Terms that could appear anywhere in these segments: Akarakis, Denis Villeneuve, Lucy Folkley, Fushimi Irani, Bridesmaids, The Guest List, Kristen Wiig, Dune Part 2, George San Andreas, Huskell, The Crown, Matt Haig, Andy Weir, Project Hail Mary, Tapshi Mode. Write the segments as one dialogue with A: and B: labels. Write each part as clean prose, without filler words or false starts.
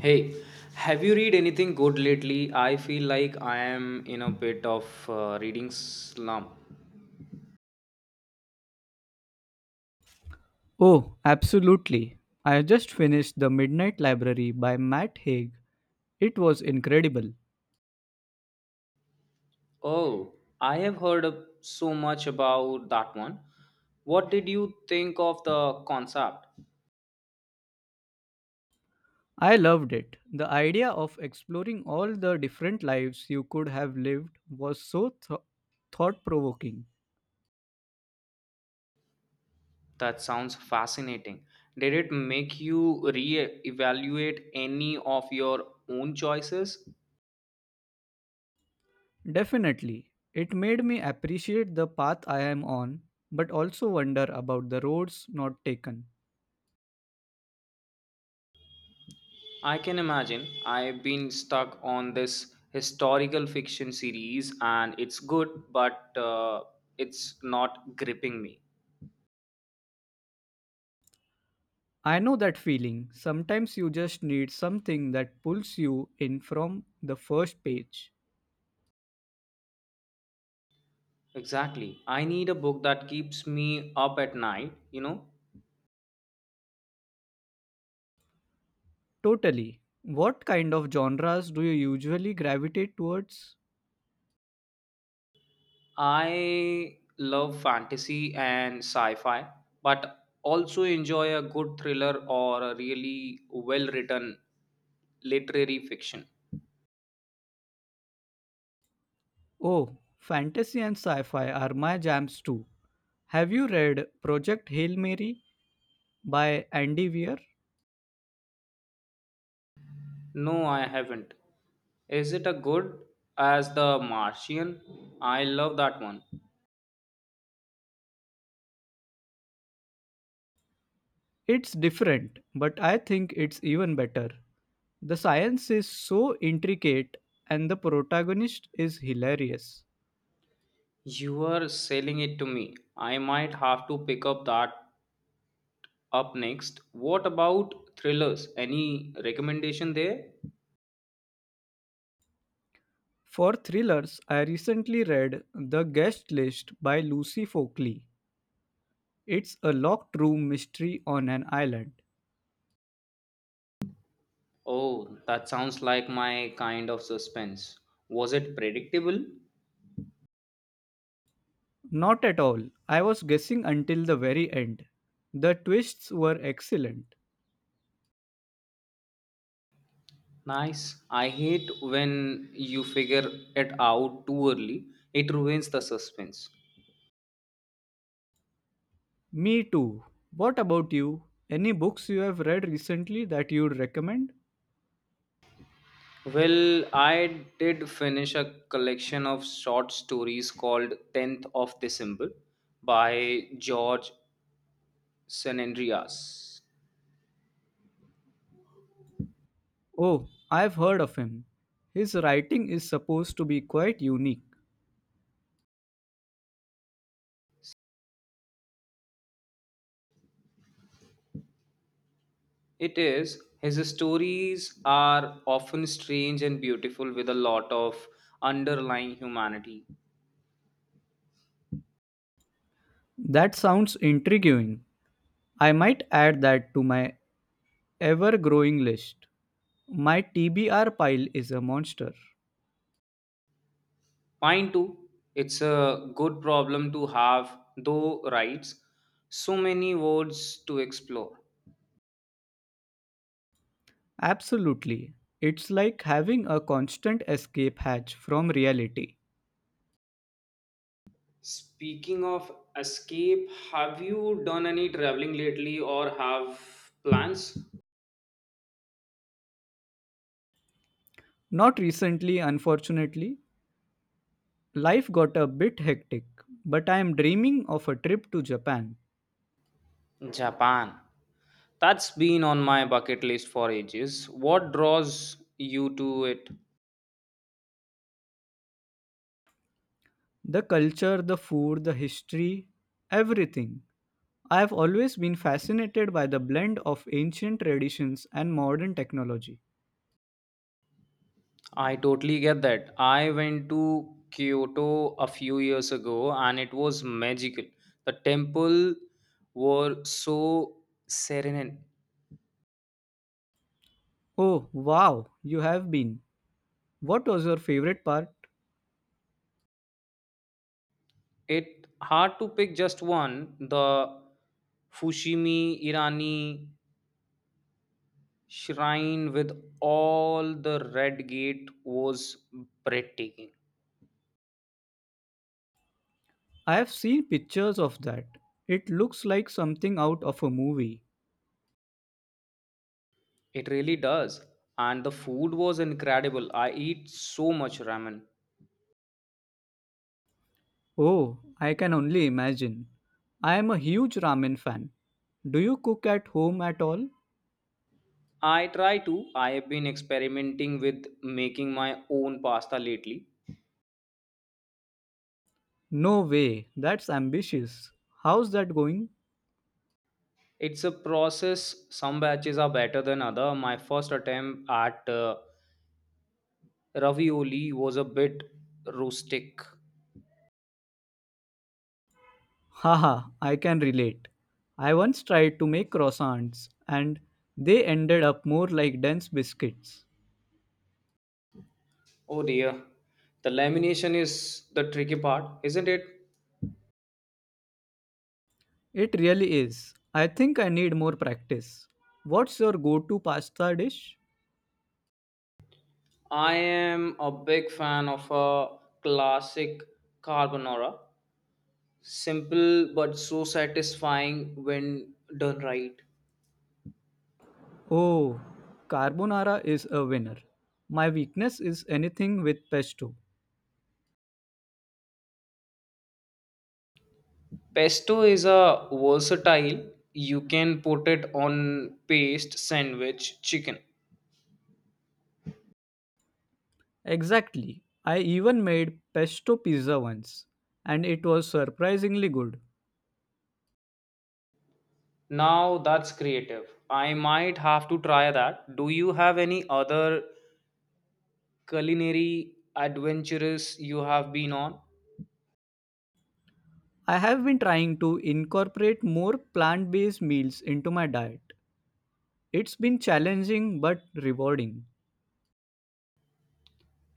A: Hey, have you read anything good lately? I feel like I am in a bit of reading slump.
B: Oh, absolutely. I just finished The Midnight Library by Matt Haig. It was incredible.
A: Oh, I have so much about that one. What did you think of the concept?
B: I loved it. The idea of exploring all the different lives you could have lived was so thought provoking.
A: That sounds fascinating. Did it make you re-evaluate any of your own choices?
B: Definitely. It made me appreciate the path I am on, but also wonder about the roads not taken.
A: I can imagine. I've been stuck on this historical fiction series and it's good, but it's not gripping me.
B: I know that feeling. Sometimes you just need something that pulls you in from the first page.
A: Exactly. I need a book that keeps me up at night.
B: Totally. What kind of genres do you usually gravitate towards?
A: I love fantasy and sci fi, but also enjoy a good thriller or a really well written literary fiction.
B: Oh, fantasy and sci fi are my jams too. Have you read Project Hail Mary by Andy Weir?
A: No, I haven't. Is it a good as The Martian? I love that one.
B: It's different, but I think it's even better. The science is so intricate and the protagonist is hilarious.
A: You are selling it to me. I might have to pick up that up next. What about thrillers? Any recommendation there?
B: For thrillers, I recently read The Guest List by Lucy Folkley. It's a locked room mystery on an island.
A: Oh, that sounds like my kind of suspense. Was it predictable?
B: Not at all. I was guessing until the very end. The twists were excellent.
A: Nice. I hate when you figure it out too early. It ruins the suspense.
B: Me too. What about you? Any books you have read recently that you'd recommend?
A: Well, I did finish a collection of short stories called 10th of December by George San Andreas.
B: Oh, I've heard of him. His writing is supposed to be quite unique.
A: It is, his stories are often strange and beautiful with a lot of underlying humanity.
B: That sounds intriguing. I might add that to my ever growing list. My TBR pile is a monster.
A: Mine too, it's a good problem to have, though, writes so many words to explore.
B: Absolutely. It's like having a constant escape hatch from reality.
A: Speaking of escape, have you done any traveling lately or have plans?
B: Not recently, unfortunately. Life got a bit hectic, but I am dreaming of a trip to Japan.
A: Japan. That's been on my bucket list for ages. What draws you to it?
B: The culture, the food, the history, everything. I have always been fascinated by the blend of ancient traditions and modern technology.
A: I totally get that. I went to Kyoto a few years ago and it was magical. The temple were so serene.
B: Oh, wow, you have been. What was your favorite part?
A: It hard to pick just one. The Fushimi Irani shrine with all the red gate was breathtaking.
B: I have seen pictures of that. It looks like something out of a movie.
A: It really does. And the food was incredible. I eat so much ramen.
B: Oh, I can only imagine. I am a huge ramen fan. Do you cook at home at all?
A: I try to. I have been experimenting with making my own pasta lately.
B: No way, that's ambitious. How's that going?
A: It's a process. Some batches are better than other. My first attempt at ravioli was a bit rustic.
B: Haha, I can relate. I once tried to make croissants and they ended up more like dense biscuits.
A: Oh dear. The lamination is the tricky part, isn't it?
B: It really is. I think I need more practice. What's your go to pasta dish?
A: I am a big fan of a classic carbonara. Simple but so satisfying when done right.
B: Oh, carbonara is a winner. My weakness is anything with pesto.
A: Pesto is a versatile. You can put it on paste, sandwich, chicken.
B: Exactly. I even made pesto pizza once, and it was surprisingly good.
A: Now that's creative. I might have to try that. Do you have any other culinary adventures you have been on?
B: I have been trying to incorporate more plant based meals into my diet. It's been challenging but rewarding.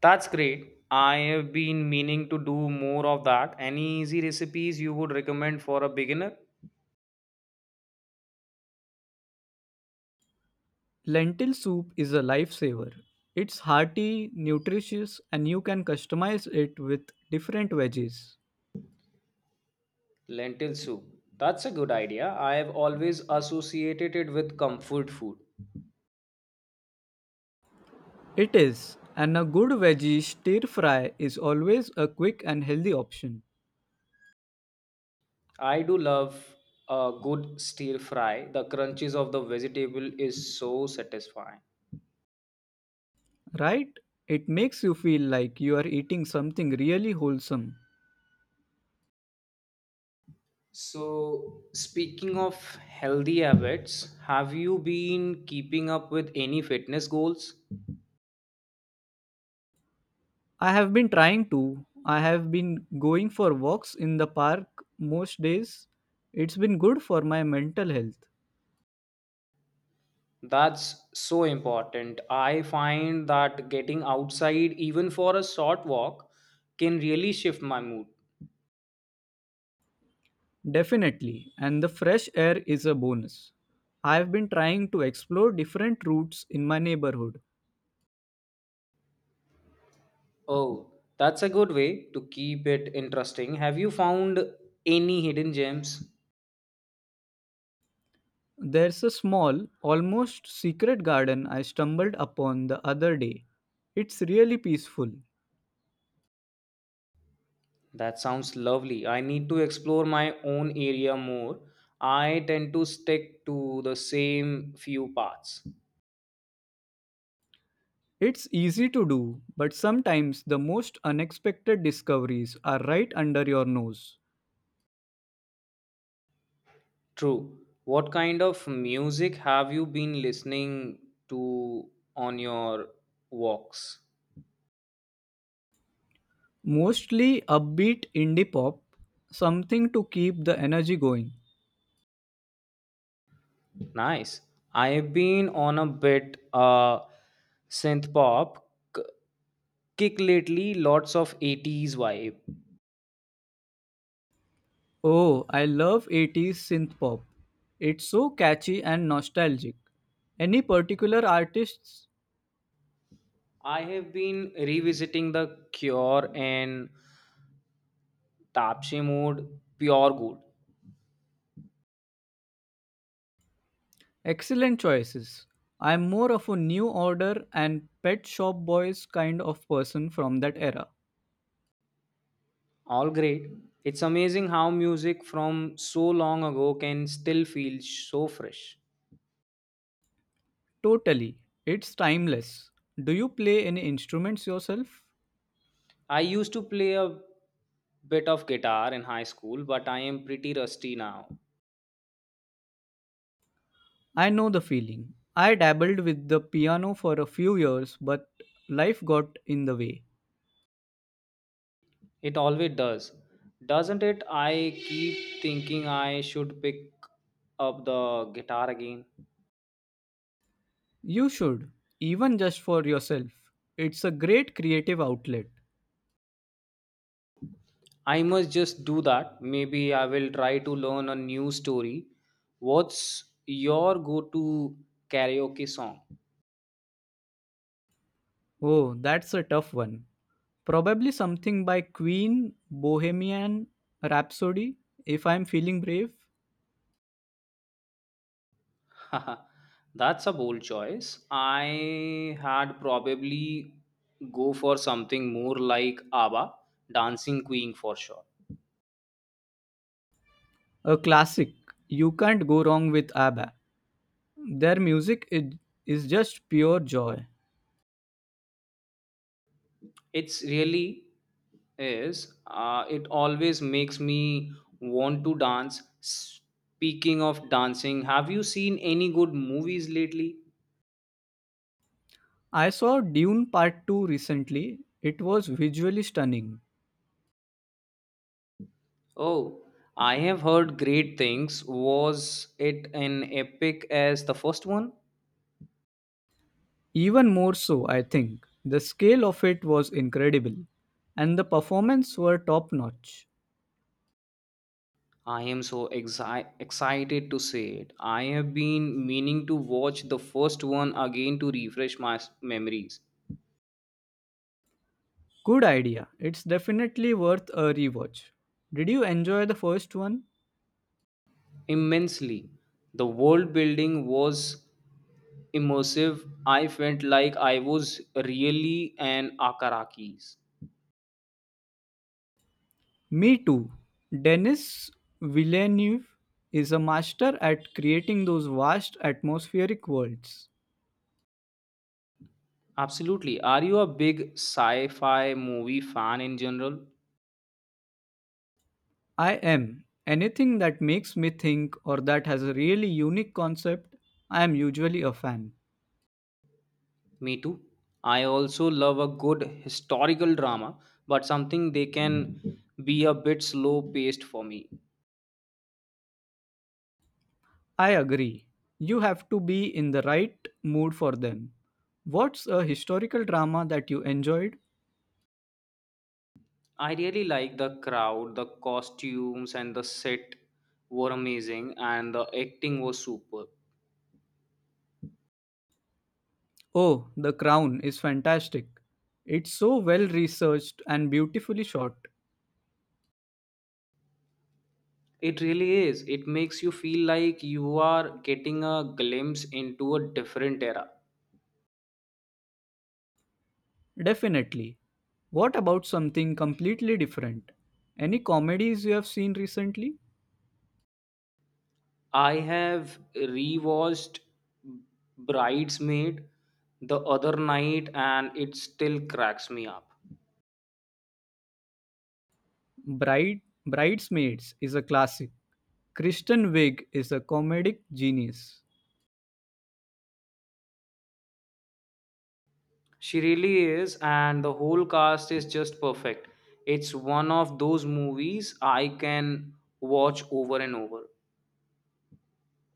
A: That's great. I have been meaning to do more of that. Any easy recipes you would recommend for a beginner?
B: Lentil soup is a lifesaver. It's hearty, nutritious, and you can customize it with different veggies.
A: Lentil soup. That's a good idea. I have always associated it with comfort food.
B: It is, and a good veggie stir fry is always a quick and healthy option.
A: I do love a good stir fry. The crunches of the vegetable is so satisfying.
B: Right? It makes you feel like you are eating something really wholesome.
A: So, speaking of healthy habits, have you been keeping up with any fitness goals?
B: I have been trying to. I have been going for walks in the park most days. It's been good for my mental health.
A: That's so important. I find that getting outside, even for a short walk, can really shift my mood.
B: Definitely. And the fresh air is a bonus. I have been trying to explore different routes in my neighborhood.
A: Oh, that's a good way to keep it interesting. Have you found any hidden gems?
B: There's a small, almost secret garden I stumbled upon the other day. It's really peaceful.
A: That sounds lovely. I need to explore my own area more. I tend to stick to the same few paths.
B: It's easy to do, but sometimes the most unexpected discoveries are right under your nose.
A: True. What kind of music have you been listening to on your walks?
B: Mostly upbeat indie pop, something to keep the energy going.
A: Nice. I've been on a bit synth pop k- kick lately, lots of 80s vibe.
B: Oh, I love 80s synth pop. It's so catchy and nostalgic. Any particular artists?
A: I have been revisiting The Cure and Tapshi Mode, Pure Good.
B: Excellent choices. I'm more of a new order and pet shop boys kind of person from that era.
A: All great. It's amazing how music from so long ago can still feel so fresh.
B: Totally. It's timeless. Do you play any instruments yourself?
A: I used to play a bit of guitar in high school, but I am pretty rusty now.
B: I know the feeling. I dabbled with the piano for a few years, but life got in the way.
A: It always does. Doesn't it? I keep thinking I should pick up the guitar again.
B: You should, even just for yourself. It's a great creative outlet.
A: I must just do that. Maybe I will try to learn a new story. What's your go to karaoke song?
B: Oh, that's a tough one. Probably something by Queen, Bohemian Rhapsody, if I'm feeling brave.
A: That's a bold choice. I had probably go for something more like ABBA, Dancing Queen for sure.
B: A classic. You can't go wrong with ABBA. Their music is just pure joy.
A: It's really is it always makes me want to dance. Speaking of dancing, have you seen any good movies lately?
B: I saw Dune Part 2 recently. It was visually stunning.
A: Oh, I have heard great things. Was it an epic as the first one?
B: Even more so, I think. The scale of it was incredible, and the performance were top notch.
A: I am so excited to see it. I have been meaning to watch the first one again to refresh my memories.
B: Good idea. It's definitely worth a rewatch. Did you enjoy the first one?
A: Immensely, the world building was immersive. I felt like I was really an Akarakis.
B: Me too. Denis Villeneuve is a master at creating those vast atmospheric worlds.
A: Absolutely. Are you a big sci fi movie fan in general?
B: I am. Anything that makes me think or that has a really unique concept, I am usually a fan.
A: Me too. I also love a good historical drama, but something they can be a bit slow paced for me.
B: I agree. You have to be in the right mood for them. What's a historical drama that you enjoyed?
A: I really like the crowd, the costumes, and the set were amazing, and the acting was super.
B: Oh, The Crown is fantastic. It's so well researched and beautifully shot.
A: It really is. It makes you feel like you are getting a glimpse into a different era.
B: Definitely. What about something completely different? Any comedies you have seen recently?
A: I have rewatched Bridesmaid the other night and it still cracks me up.
B: Bridesmaids is a classic. Kristen Wiig is a comedic genius.
A: She really is, and the whole cast is just perfect. It's one of those movies I can watch over and over.